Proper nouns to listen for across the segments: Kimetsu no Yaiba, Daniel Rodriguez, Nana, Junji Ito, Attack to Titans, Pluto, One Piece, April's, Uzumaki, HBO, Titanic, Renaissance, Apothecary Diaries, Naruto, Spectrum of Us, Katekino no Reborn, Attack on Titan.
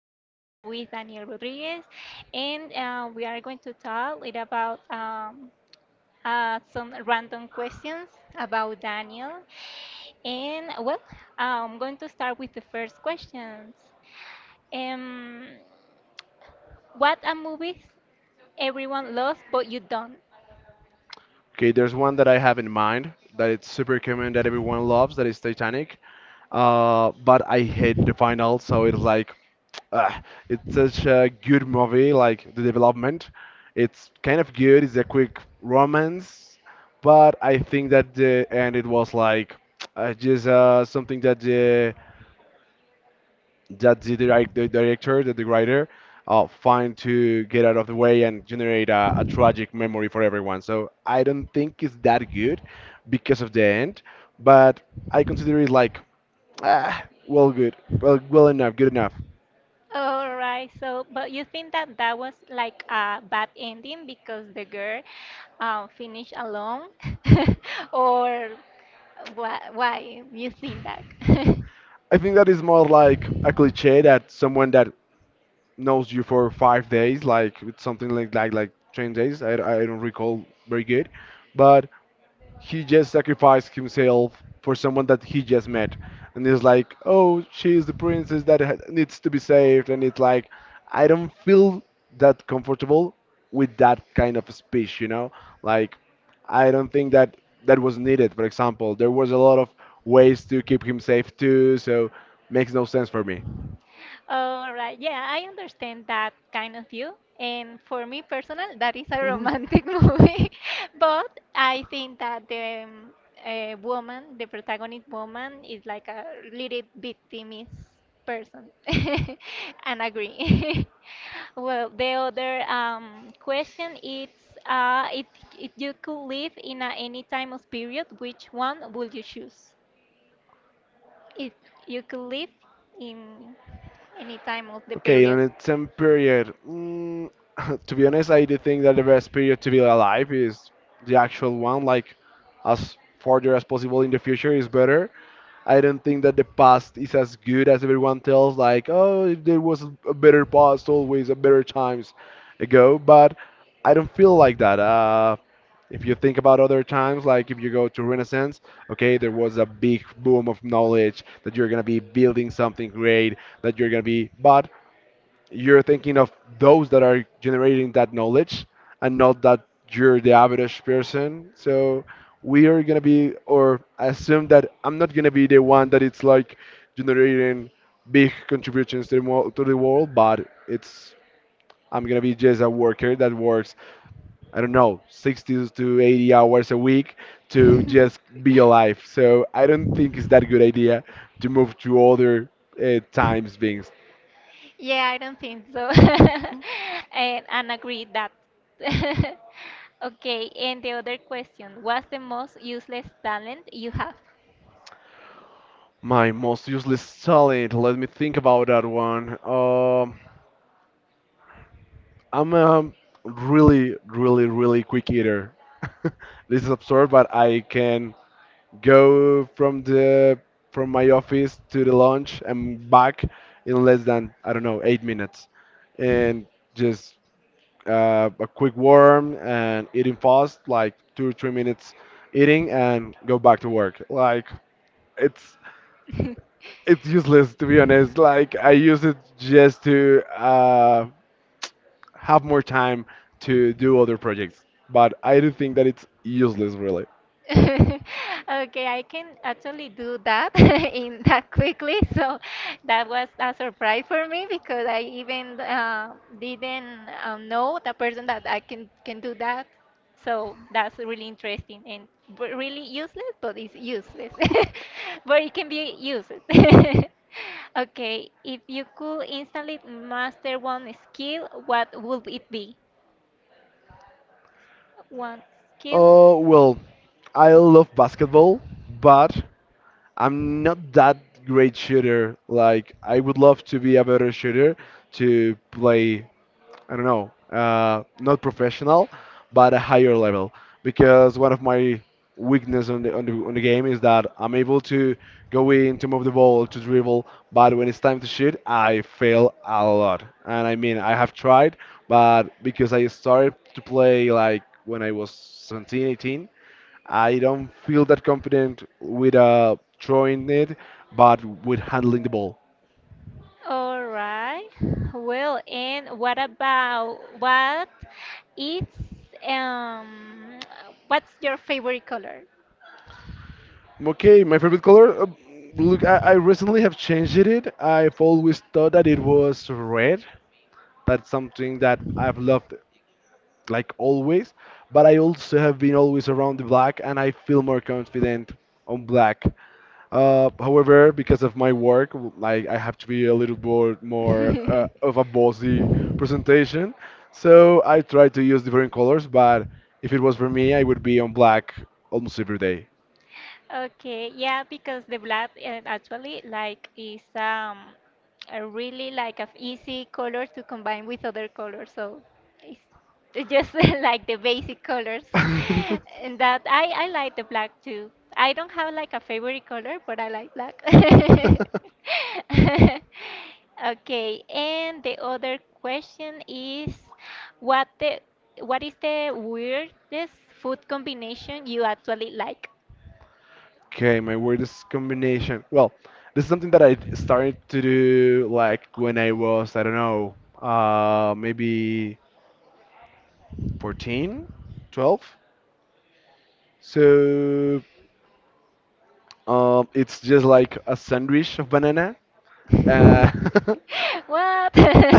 have here with Daniel Rodriguez, and we are going to talk little about some random questions about Daniel. And well, I'm going to start with the first questions. Um, what are movies everyone loves but you don't? Okay, there's one that I have in mind that it's super common that everyone loves that is Titanic. But I hate the final, so it's like ah, it's such a good movie, like the development. It's kind of good, it's a quick romance, but I think that the end it was like just something that the the director, that the writer, find to get out of the way and generate a tragic memory for everyone. So I don't think it's that good because of the end, but I consider it like, well, good, well, well enough, good enough. All right, so but you think that that was like a bad ending because the girl finished alone, or? Why you think that? I think that is more like a cliche that someone that knows you for 5 days, like with something like 10 days. I don't recall very good, but he just sacrificed himself for someone that he just met, and it's like, oh, she's the princess that needs to be saved, and it's like I don't feel that comfortable with that kind of speech. Like, I don't think that that was needed. For example, there was a lot of ways to keep him safe too, so makes no sense for me. All right, yeah, I understand that kind of view. And for me personal, that is a romantic movie. But I think that the woman, the protagonist woman, is like a little victimist person. And agree. Well, the other question is, uh, if, if you could live in a, any time of period, which one would you choose? If you could live Oh. in any time of the Okay, in period. it's some period. To be honest, I do think that the best period to be alive is the actual one. Like, as farther as possible in the future is better. I don't think that the past is as good as everyone tells. Like, oh, there was a better past, always a better times ago. But I don't feel like that. If you think about other times, like if you go to Renaissance, okay, there was a big boom of knowledge that you're gonna be building something great, that you're gonna be, but you're thinking of those that are generating that knowledge and not that you're the average person. So we are gonna be, or I assume that I'm not gonna be the one that it's like generating big contributions to to the world, but it's I'm gonna be just a worker that works, I don't know, 60 to 80 hours a week to just be alive. So I don't think it's that good idea to move to other times beings. Yeah, I don't think so. And agree that. Okay, and the other question, what's the most useless talent you have? My most useless talent. Let me think about that one. I'm a really, really, really quick eater. This is absurd, but I can go from the from my office to the lunch and back in less than, I don't know, 8 minutes. And just a quick warm and eating fast, like 2 or 3 minutes eating and go back to work. Like it's it's useless to be honest. Like I use it just to have more time to do other projects, but I do think that it's useless really. Okay, I can actually do that in that quickly. So that was a surprise for me because I even didn't know the person that I can do that. So that's really interesting and b- really useless, but it's useless. But it can be used. Okay, if you could instantly master one skill, what would it be? One Oh skill? well, I love basketball, but I'm not that great shooter. Like I would love to be a better shooter to play I don't know, not professional, but a higher level. Because one of my weakness on on the game is that I'm able to go in to move the ball to dribble, but when it's time to shoot, I fail a lot. And I mean, I have tried, but because I started to play like when I was 17, 18, I don't feel that confident with throwing it, but with handling the ball. All right. Well, and what about what is um what's your favorite color? Okay, my favorite color. Look, I recently have changed it. I've always thought that it was red. That's something that I've loved, like always. But I also have been always around the black, and I feel more confident on black. However, because of my work, like I have to be a little more of a bossy presentation, so I try to use different colors. But if it was for me, I would be on black almost every day. Okay, yeah, because the black actually like is a really like a easy color to combine with other colors, so it's it's just like the basic colors, and that I like the black too. I don't have like a favorite color, but I like black. Okay, and the other question is what the what is the weirdest food combination you actually like? Okay, my weirdest combination. Well, this is something that I started to do like when I was, I don't know, maybe 14, 12. So, it's just like a sandwich of banana. Uh, What?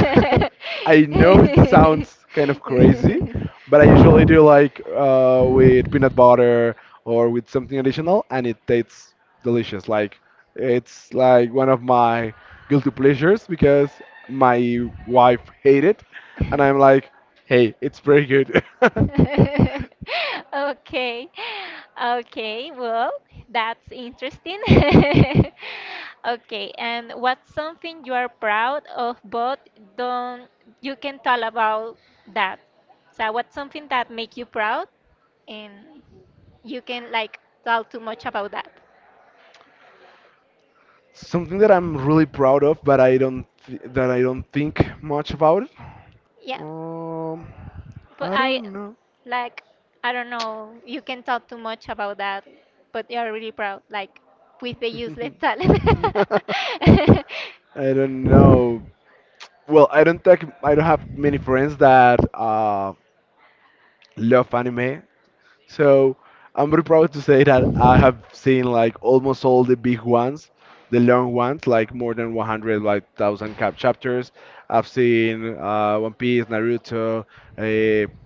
I know it sounds kind of crazy, but I usually do like with peanut butter or with something additional, and it tastes delicious. Like it's like one of my guilty pleasures because my wife hate it, and I'm like, hey, it's pretty good. Okay, okay, well, that's interesting. Okay, and what's something you are proud of, but don't you can tell about that? So, what's something that make you proud, and you can like tell too much about that? Something that I'm really proud of, but I don't th that I don't think much about it. Yeah. Um, But I I don't know. like I don't know, you can talk too much about that, but you are really proud, like with the useless talent. I don't know. Well, I don't have many friends that love anime, so I'm very proud to say that I have seen like almost all the big ones, the long ones, like more than 100, like thousand cap chapters. I've seen One Piece, Naruto,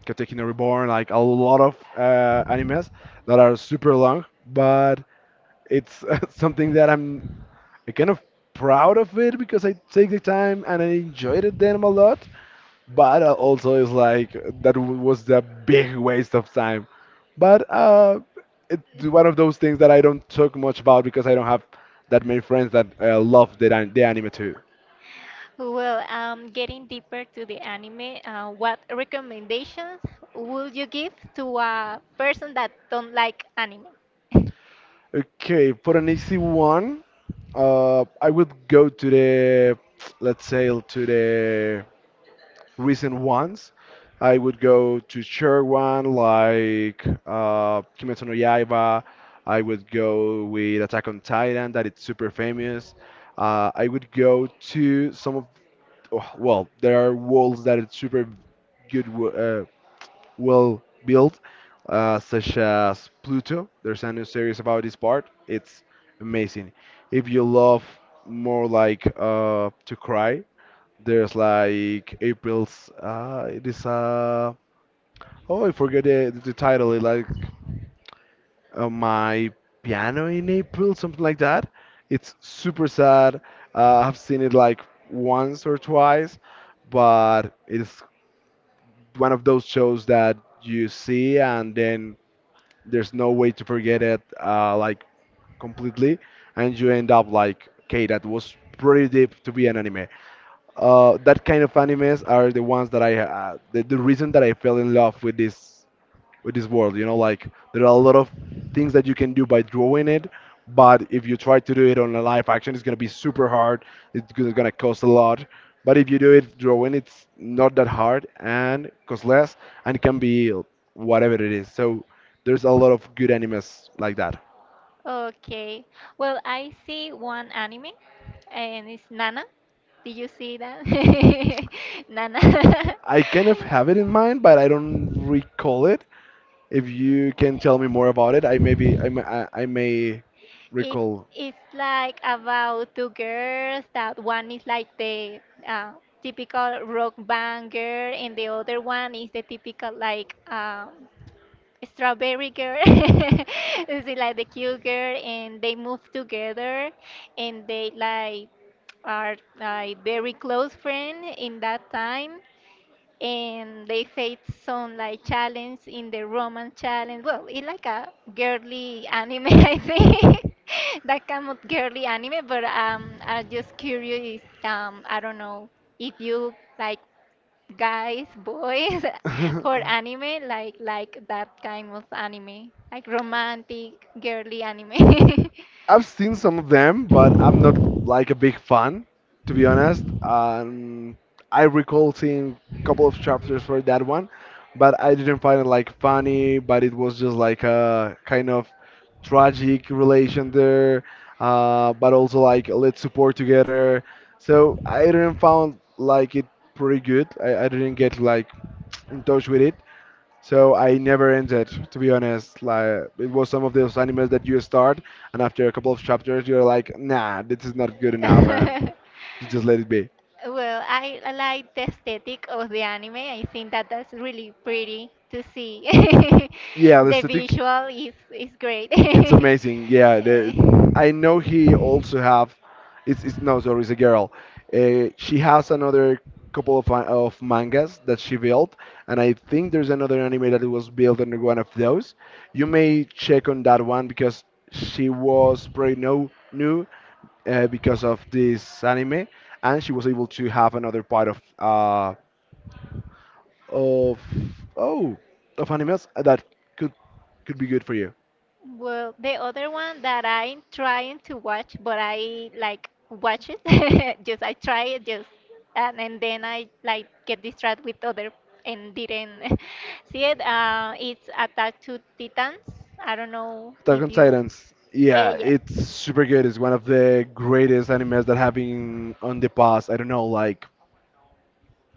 Katekino no Reborn, like a lot of animes that are super long, but it's something that I kind of proud of it because I take the time and I enjoyed it them a lot. But also it's like that was the big waste of time. But it's one of those things that I don't talk much about because I don't have that many friends that love the anime too. Well, getting deeper to the anime, what recommendations would you give to a person that don't like anime? Okay, for an easy one, I would go to the let's say to the recent ones, I would go to share one like Kimetsu no Yaiba. I would go with Attack on Titan, that it's super famous. I would go to some of, oh, well, there are worlds that it's super good, well built, such as Pluto. There's a new series about this part. It's amazing. If you love more like to cry, there's like April's. It is oh I forget the title. It like my piano in April, something like that. It's super sad. I've seen it like once or twice, but it's one of those shows that you see and then there's no way to forget it like completely, and you end up like, okay, that was pretty deep to be an anime. That kind of animes are the ones that the reason that I fell in love with this world. You know, like there are a lot of things that you can do by drawing it, but if you try to do it on a live action, it's gonna be super hard. Gonna cost a lot. But if you do it drawing, it's not that hard and costs less and can be whatever it is. So there's a lot of good animes like that. Okay. Well, I see one anime, and it's Nana. Did you see that? Nana. I kind of have it in mind, but I don't recall it. If you can tell me more about it, I maybe I may It recall. is like about two girls that one is like the uh, typical rock band girl and the other one is the typical like strawberry girl. Is it like the cute girl and they move together and they like are like very close friend in that time and they faced some like challenge in the Roman challenge. Well, it's like a girly anime, I think, that kind of girly anime. But I'm just curious. I don't know if you like guys, boys for anime, like that kind of anime, like romantic girly anime. I've seen some of them, but I'm not like a big fan, to be honest. I recall seeing a couple of chapters for that one, but I didn't find it like funny, but it was just like a kind of tragic relation there, but also like let's support together. So I didn't found like it pretty good. I didn't get like in touch with it. So I never ended, to be honest. Like it was some of those animes that you start, and after a couple of chapters, you're like, nah, this is not good enough, and you just let it be. Well, I like the aesthetic of the anime. I think that that's really pretty to see. Yeah, the The aesthetic. visual is great. It's amazing. Eh. I know he also have. It's no, sorry, it's a girl. She has another couple of mangas that she built, and I think there's another anime that was built on one of those. You may check on that one because she was pretty no new because of this anime, and she was able to have another part of of oh of animals that could could be good for you. Well, the other one that I'm trying to watch, but I like watch it, just I try it just and then I like get distracted with other and didn't see it. It's Attack to Titans. I don't know Attack if on you, Titans. Yeah, eh, yeah. it's super good. It's one of the greatest animes that have been on the past. I don't know, like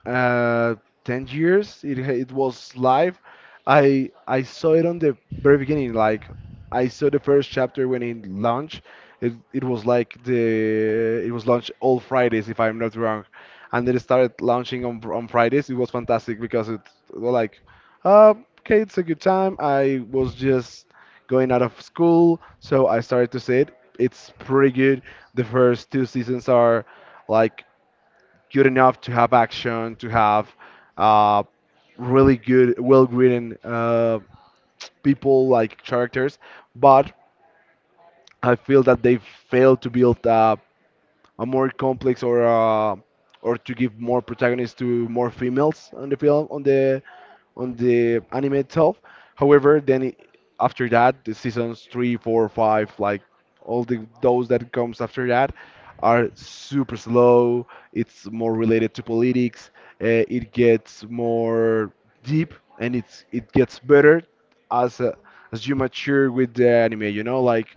uh, 10 years it was live. I saw it on the very beginning. Like, I saw the first chapter when it launched. It was like the it was launched all fridays if I'm not wrong, and then it started launching on fridays. It was fantastic because it was like uh, okay, it's a good time. I was just going out of school, so I started to see it. It's pretty good. The first two seasons are like good enough to have action, to have uh, really good, well-written people like characters, but I feel that they failed to build a more complex or to give more protagonists to more females on the film on the anime itself. However, after that, the seasons three, four, five, like all the those that comes after that, are super slow. It's more related to politics. It gets more deep, and it gets better as uh, as you mature with the anime. Like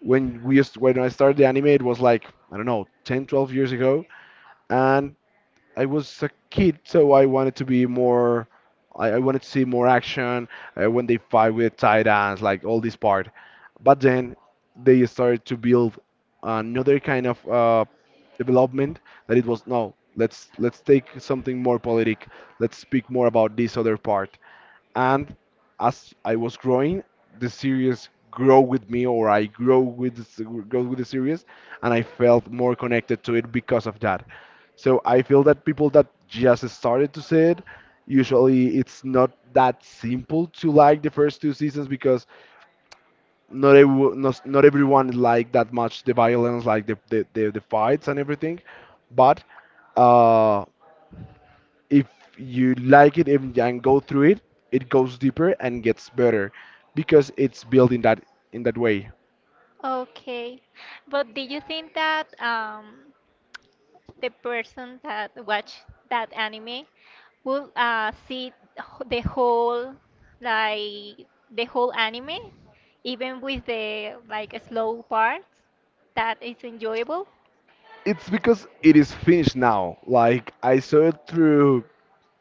when I started the anime, it was like I don't know, 10, 12 years ago, and I was a kid, so I wanted to be more. I wanted to see more action when they fight with titans, like all this part. But then they started to build another kind of development that it was no. Let's take something more politic. Let's speak more about this other part, and as I was growing, the series grow with me, or I grow with the series, and I felt more connected to it because of that. So I feel that people that just started to see it, usually it's not that simple to like the first two seasons because not everyone like that much the violence, like the fights and everything. But. Uh, if you like it and go through it, it goes deeper and gets better because it's built in that way. Okay, but do you think that the person that watch that anime will see wh- the whole like the whole anime even with the like slow parts that is enjoyable It's because it is finished now. Like I saw it through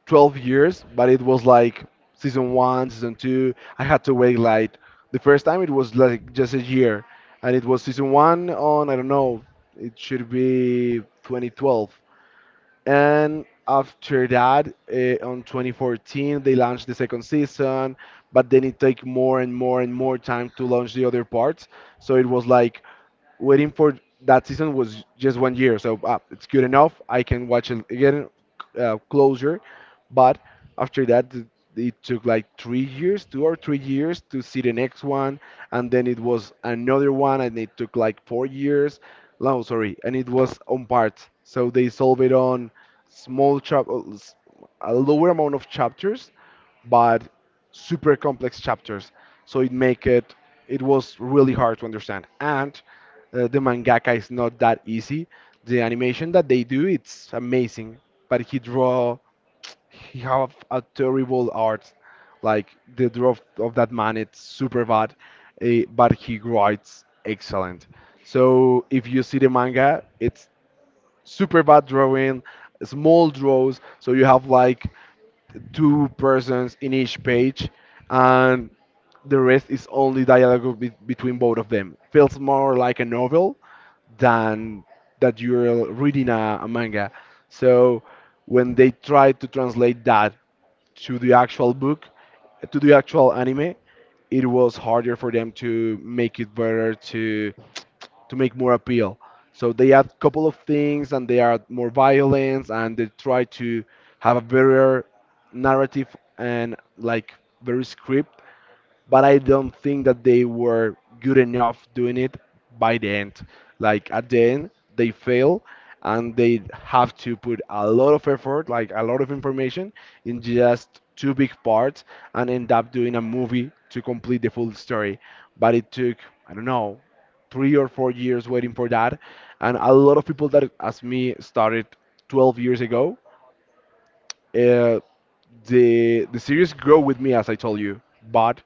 12 years, but it was like season one, season two. I had to wait like the first time it was like just a year, and it was season one on I don't know. It should be 2012. And after that, on 2014, they launched the second season, but then it took more and more and more time to launch the other parts. So it was like waiting for that season was just one year, so it's good enough. I can watch it again, closure. But after that, it took like 3 years, 2 or 3 years to see the next one, and then it was another one, and it took like 4 years. No, sorry, and it was on parts. So they solve it on small chap, uh, s- a lower amount of chapters, but super complex chapters. So it make it it was really hard to understand. And the mangaka is not that easy. The animation that they do, it's amazing. But he have a terrible art. Like the draw of that man, it's super bad. But he writes excellent. So if you see the manga, it's super bad drawing, small draws. So you have like two persons in each page, and the rest is only dialogue between both of them. Feels more like a novel than that you're reading a manga. So when they tried to translate that to the actual book, to the actual anime, it was harder for them to make it better to make more appeal. So they add a couple of things, and they add more violence, and they try to have a better narrative and like very script, but I don't think that they were good enough doing it by the end. Like at the end, they fail and they have to put a lot of effort, like a lot of information, in just two big parts, and end up doing a movie to complete the full story. But it took, I don't know, 3 or 4 years waiting for that. And a lot of people that, as me, started 12 years ago. Uh, the series grow with me, as I told you, but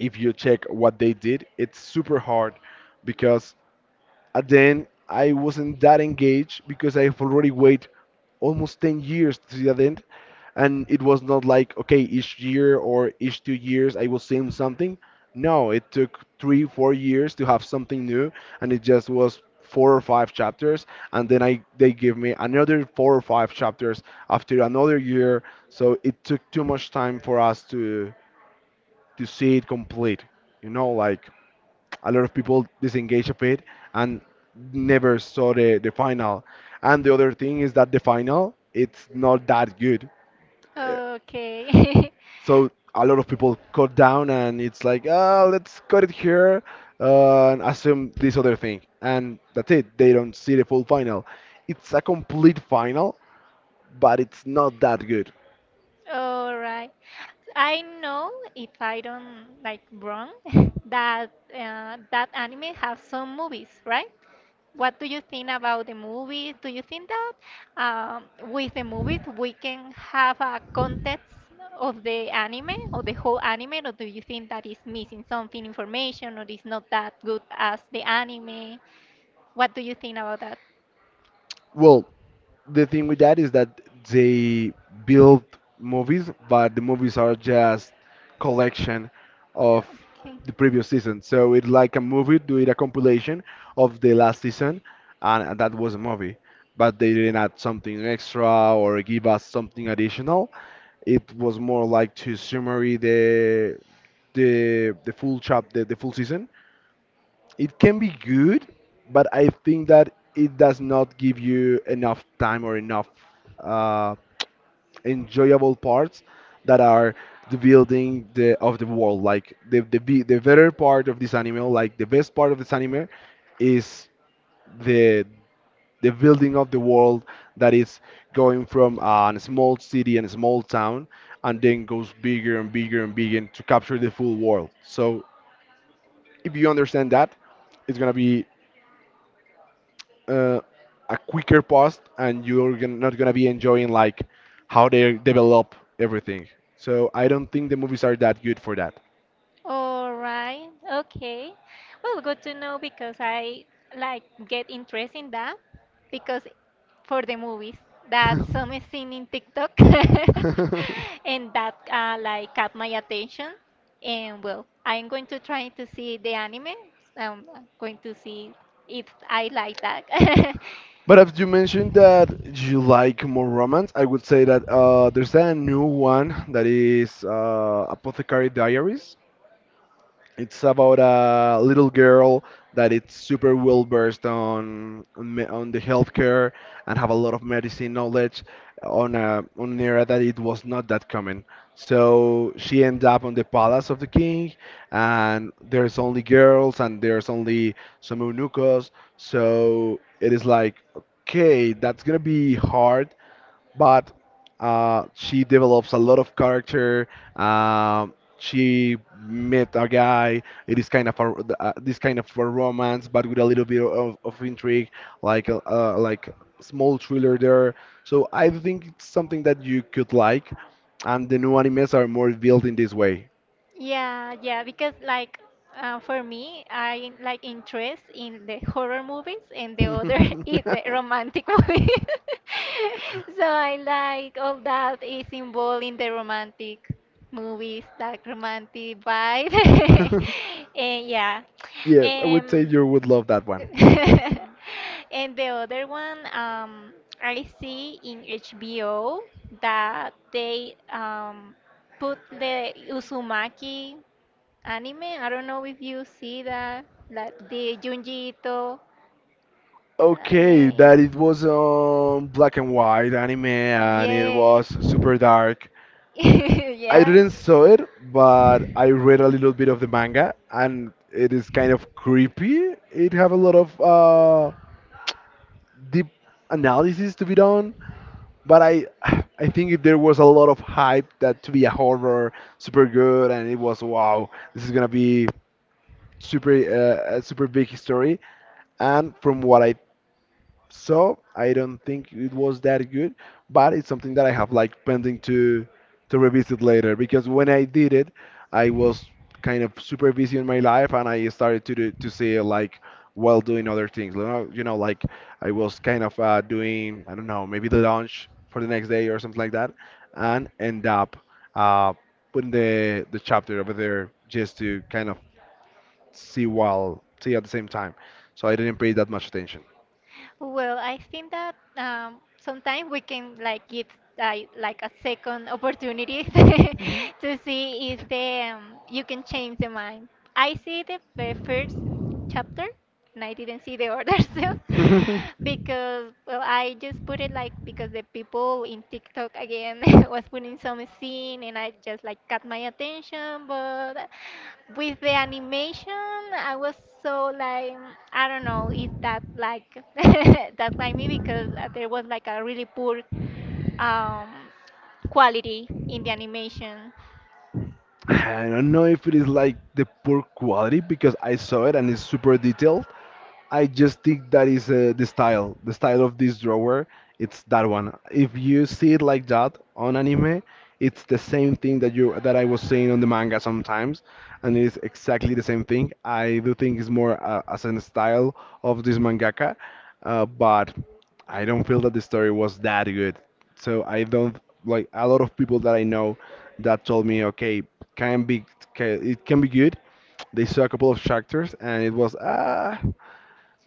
if you check what they did, it's super hard because at the end I wasn't that engaged because I've already waited almost 10 years to the end. And it was not like, okay, each year or each 2 years I was seeing something. No, it took 3, 4 years to have something new, and it just was four or five chapters. And then I they give me another four or five chapters after another year. So it took too much time for us to see it complete. Like a lot of people disengage of it and never saw the final. And the other thing is that the final, it's not that good. Uh, okay So a lot of people cut down, and it's like, oh, let's cut it here, and assume this other thing. And that's it. They don't see the full final. It's a complete final, but it's not that good. all right I know if I don't like wrong that that anime has some movies right? What do you think about the movies? Do you think that um, with the movies we can have a context of the anime or the whole anime, or do you think that is missing something information or is not that good as the anime? What do you think about that? Well, the thing with that is that they build movies, but the movies are just collection of Okay. the previous season. So it's like a movie doing a compilation of the last season, and that was a movie. But they didn't add something extra or give us something additional. It was more like to summary the full season. It can be good, but I think that it does not give you enough time or enough uh, enjoyable parts that are the building the of the world. Like the better part of this anime, like the best part of this anime, is the the building of the world that is going from a small city and a small town, and then goes bigger and bigger and bigger to capture the full world. So if you understand that, it's gonna be uh, a quicker post, and you're not gonna be enjoying like how they develop everything. So I don't think the movies are that good for that. All right. Okay. Well, good to know because I like get interest in that because for the movies that some is seen in TikTok and that like caught my attention. And well, I'm going to try to see the anime. I'm going to see if I like that. But as you mentioned that you like more romance, I would say that there's a new one that is Apothecary Diaries. It's about a little girl that it's super well versed on the healthcare and have a lot of medicine knowledge on a on an era that it was not that common. So she ends up on the palace of the king, and there's only girls and there's only some eunuchos. So it is like, okay, that's gonna be hard, but she develops a lot of character. She met a guy. It is kind of this kind of a romance, but with a little bit of intrigue, like a small thriller there. So I think it's something that you could like, and the new animes are more built in this way. Yeah, yeah, because like for me, I like interest in the horror movies and the other is the romantic movie. So I like all that is involved in the romantic movies, like romantic vibe. And yeah. Yeah, I would say Um, you would love that one. And the other one, I see in HBO that they put the Uzumaki anime. I don't know if you see that, like the Junji Ito. Okay, that Eh, it was black and white anime, and it yeah. was super dark. I Yeah. didn't saw it, but I read a little bit of the manga, and it is kind of creepy. It have a lot of deep analysis to be done. But I think there was a lot of hype that to be a horror super good, and it was wow, this is gonna be super a super big story, and from what I so I don't think it was that good, but it's something that I have like pending to revisit later because when I did it, I was kind of super busy in my life, and I started to see it like while doing other things. Like I was kind of doing I don't know, maybe the lunch for the next day or something like that, and end up uh, putting the chapter over there just to kind of see while see at the same time. So I didn't pay that much attention. Well, I think that sometimes we can like give like a second opportunity to see if the you can change the mind. I see the first chapter and I didn't see the order still because well I just put it like because the people in TikTok again was putting some scene and I just like got my attention but with the animation I was so like mm, I don't know if that like that like me because there was like a really poor um quality in the animation. I don't know if it is like the poor quality because I saw it and it's super detailed. I just think that is the style of this drawer. It's that one. If you see it like that on anime, it's the same thing that I was saying on the manga sometimes, and it's exactly the same thing. I do think it's more as a style of this mangaka, but I don't feel that the story was that good. So I don't. Like, a lot of people that I know that told me, okay, can be it can be good. They saw a couple of chapters and it was ah.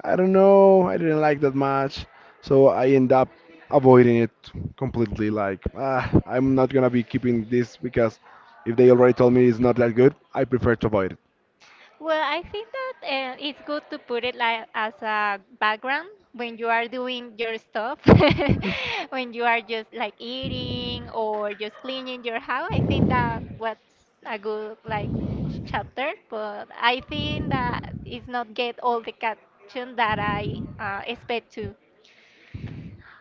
I don't know. I didn't like that much, so I end up avoiding it completely. Like, ah, I'm not gonna be keeping this because if they already told me it's not that good, I prefer to avoid it. Well, I think that it's good to put it like as a background when you are doing your stuff, when you are just like eating or just cleaning your house. I think that what's a good like chapter, but I think that it's not get all the caption that I expect to.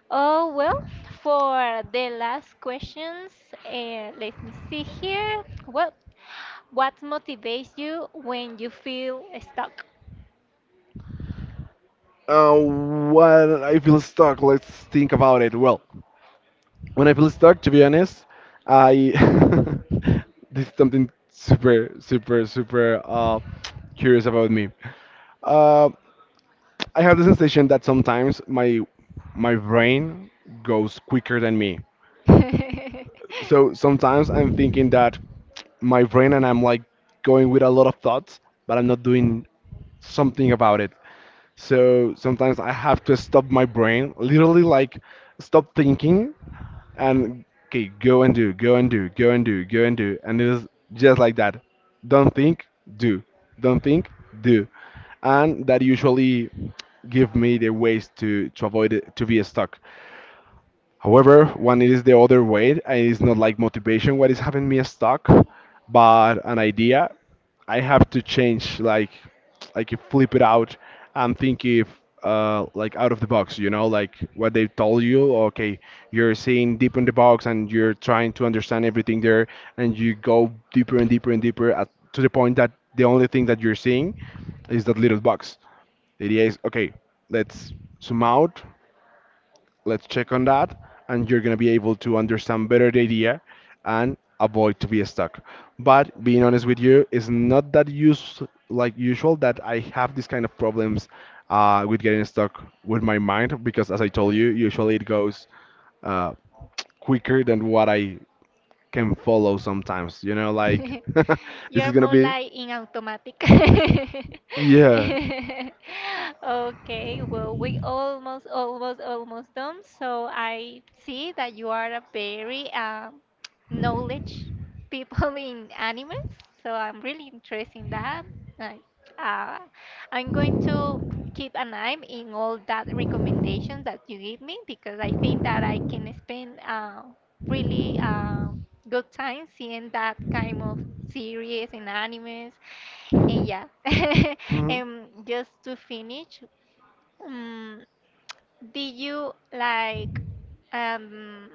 Oh well, for the last questions, let me see here. Well, what motivates you when you feel stuck? When I feel stuck, let's think about it. Well, when I feel stuck, to be honest, I this is something super, super, super curious about me. Uh, I have the sensation that sometimes my brain goes quicker than me. So So sometimes I'm thinking that my brain, and I'm like going with a lot of thoughts, but I'm not doing something about it. So sometimes I have to stop my brain, literally like stop thinking and okay, go and do, go and do, go and do, go and do. And it is just like that. Don't think, do. Don't think, do. And that usually give me the ways to avoid it, to be stuck. However, when it is the other way, and it's not like motivation, what is having me stuck, but an idea, I have to change, like you flip it out and think if, like out of the box, you know, like what they told you. Okay, you're seeing deep in the box and you're trying to understand everything there, and you go deeper and deeper and deeper at, to the point that the only thing that you're seeing is that little box. The idea is, okay, let's zoom out, let's check on that, and you're going to be able to understand better the idea and avoid to be stuck. But being honest with you, it's not that use like usual that I have this kind of problems with getting stuck with my mind because, as I told you, usually it goes uh, quicker than what I can follow sometimes. You know, like like this You're is gonna more be like in automatic. yeah. Okay, well, we almost, almost, almost done. So I see that you are a very knowledge people in animes. So I'm really interested in that. Like, uh, I'm going to keep an eye in all that recommendations that you give me because I think that I can spend really. Good time seeing that kind of series and animes. And yeah, and just to finish, um, did you like um,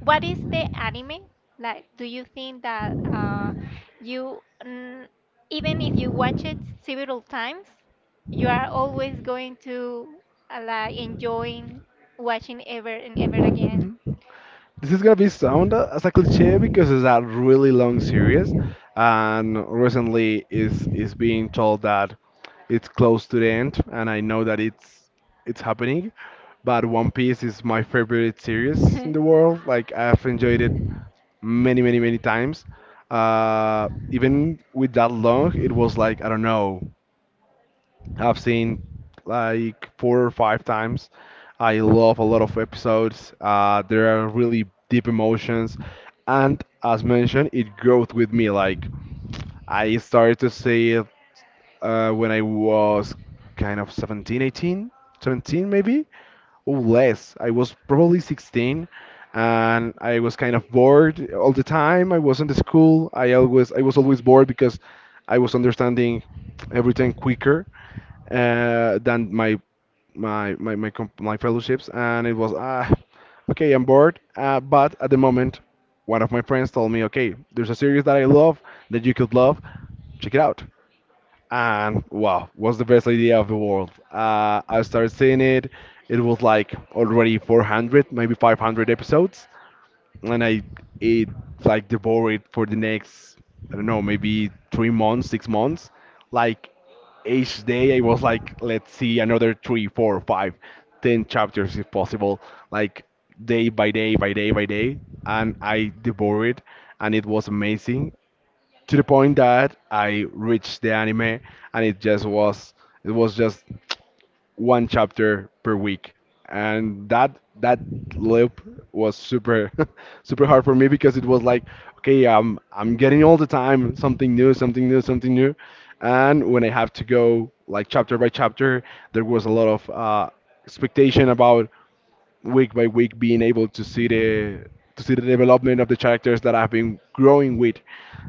what is the anime? Like, do you think that you, mm, even if you watch it several times, you are always going to like enjoying watching ever and ever again? Mhm. This is gonna be sound as a cliche because it's a really long series, and recently is being told that it's close to the end, and I know that it's happening. But One Piece is my favorite series in the world. Like I've enjoyed it many, many, many times. Even with that long, it was like I don't know. I've seen like four or five times. I love a lot of episodes. There are really deep emotions, and as mentioned, it grows with me. Like I started to see it when I was kind of 17, 18, 17 maybe, or less. I was probably 16, and I was kind of bored all the time. I was in the school. I was always bored because I was understanding everything quicker than my my my my, comp my fellowships, and it was ah, okay, I'm bored. But at the moment, one of my friends told me, okay, there's a series that I love that you could love. Check it out. And wow, was the best idea of the world. I started seeing it. It was like already 400, maybe 500 episodes, and I ate like devoured it for the next I don't know maybe 3 months 6 months, like each day I was like let's see another 3 4 5 10 chapters if possible, like day by day by day by day, and I devoured it, and it was amazing, to the point that I reached the anime and it just was, it was just one chapter per week, and that loop was super super hard for me because it was like, okay, I'm getting all the time something new, something new, something new, and when I have to go like chapter by chapter, there was a lot of expectation about week by week being able to see the development of the characters that I've been growing with.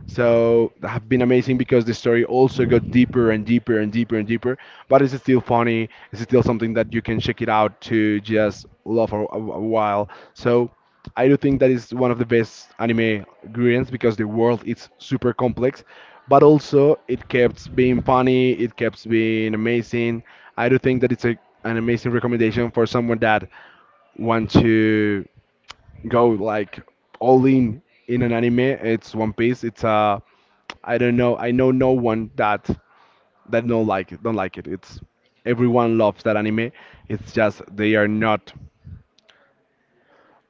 So that have been amazing because the story also got deeper and deeper and deeper and deeper. But it's still funny. It's still something that you can check it out to just love a a while. So I do think that is one of the best anime experience because the world is super complex, but also it kept being funny. It kept being amazing. I do think that it's an amazing recommendation for someone that want to go like all in an anime, it's One Piece. It's I don't know. I know no one that don't like it, don't like it. It's everyone loves that anime. It's just they are not.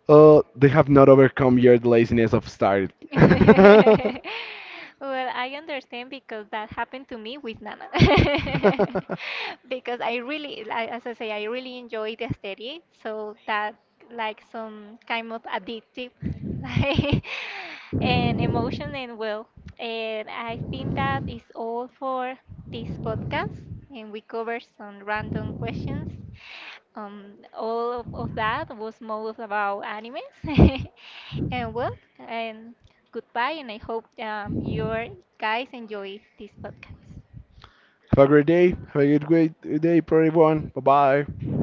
They have not overcome your laziness of start. Well, I understand because that happened to me with Nana. Because I really, I- as I say, I really enjoy the aesthetic, so that like some kind of addictive, like and emotion and well, and I think that is all for this podcast, and we cover some random questions all of that was more about animes. And well, and goodbye, and I hope you guys enjoy this podcast. Have a great day. Have a good great day for everyone. Bye bye.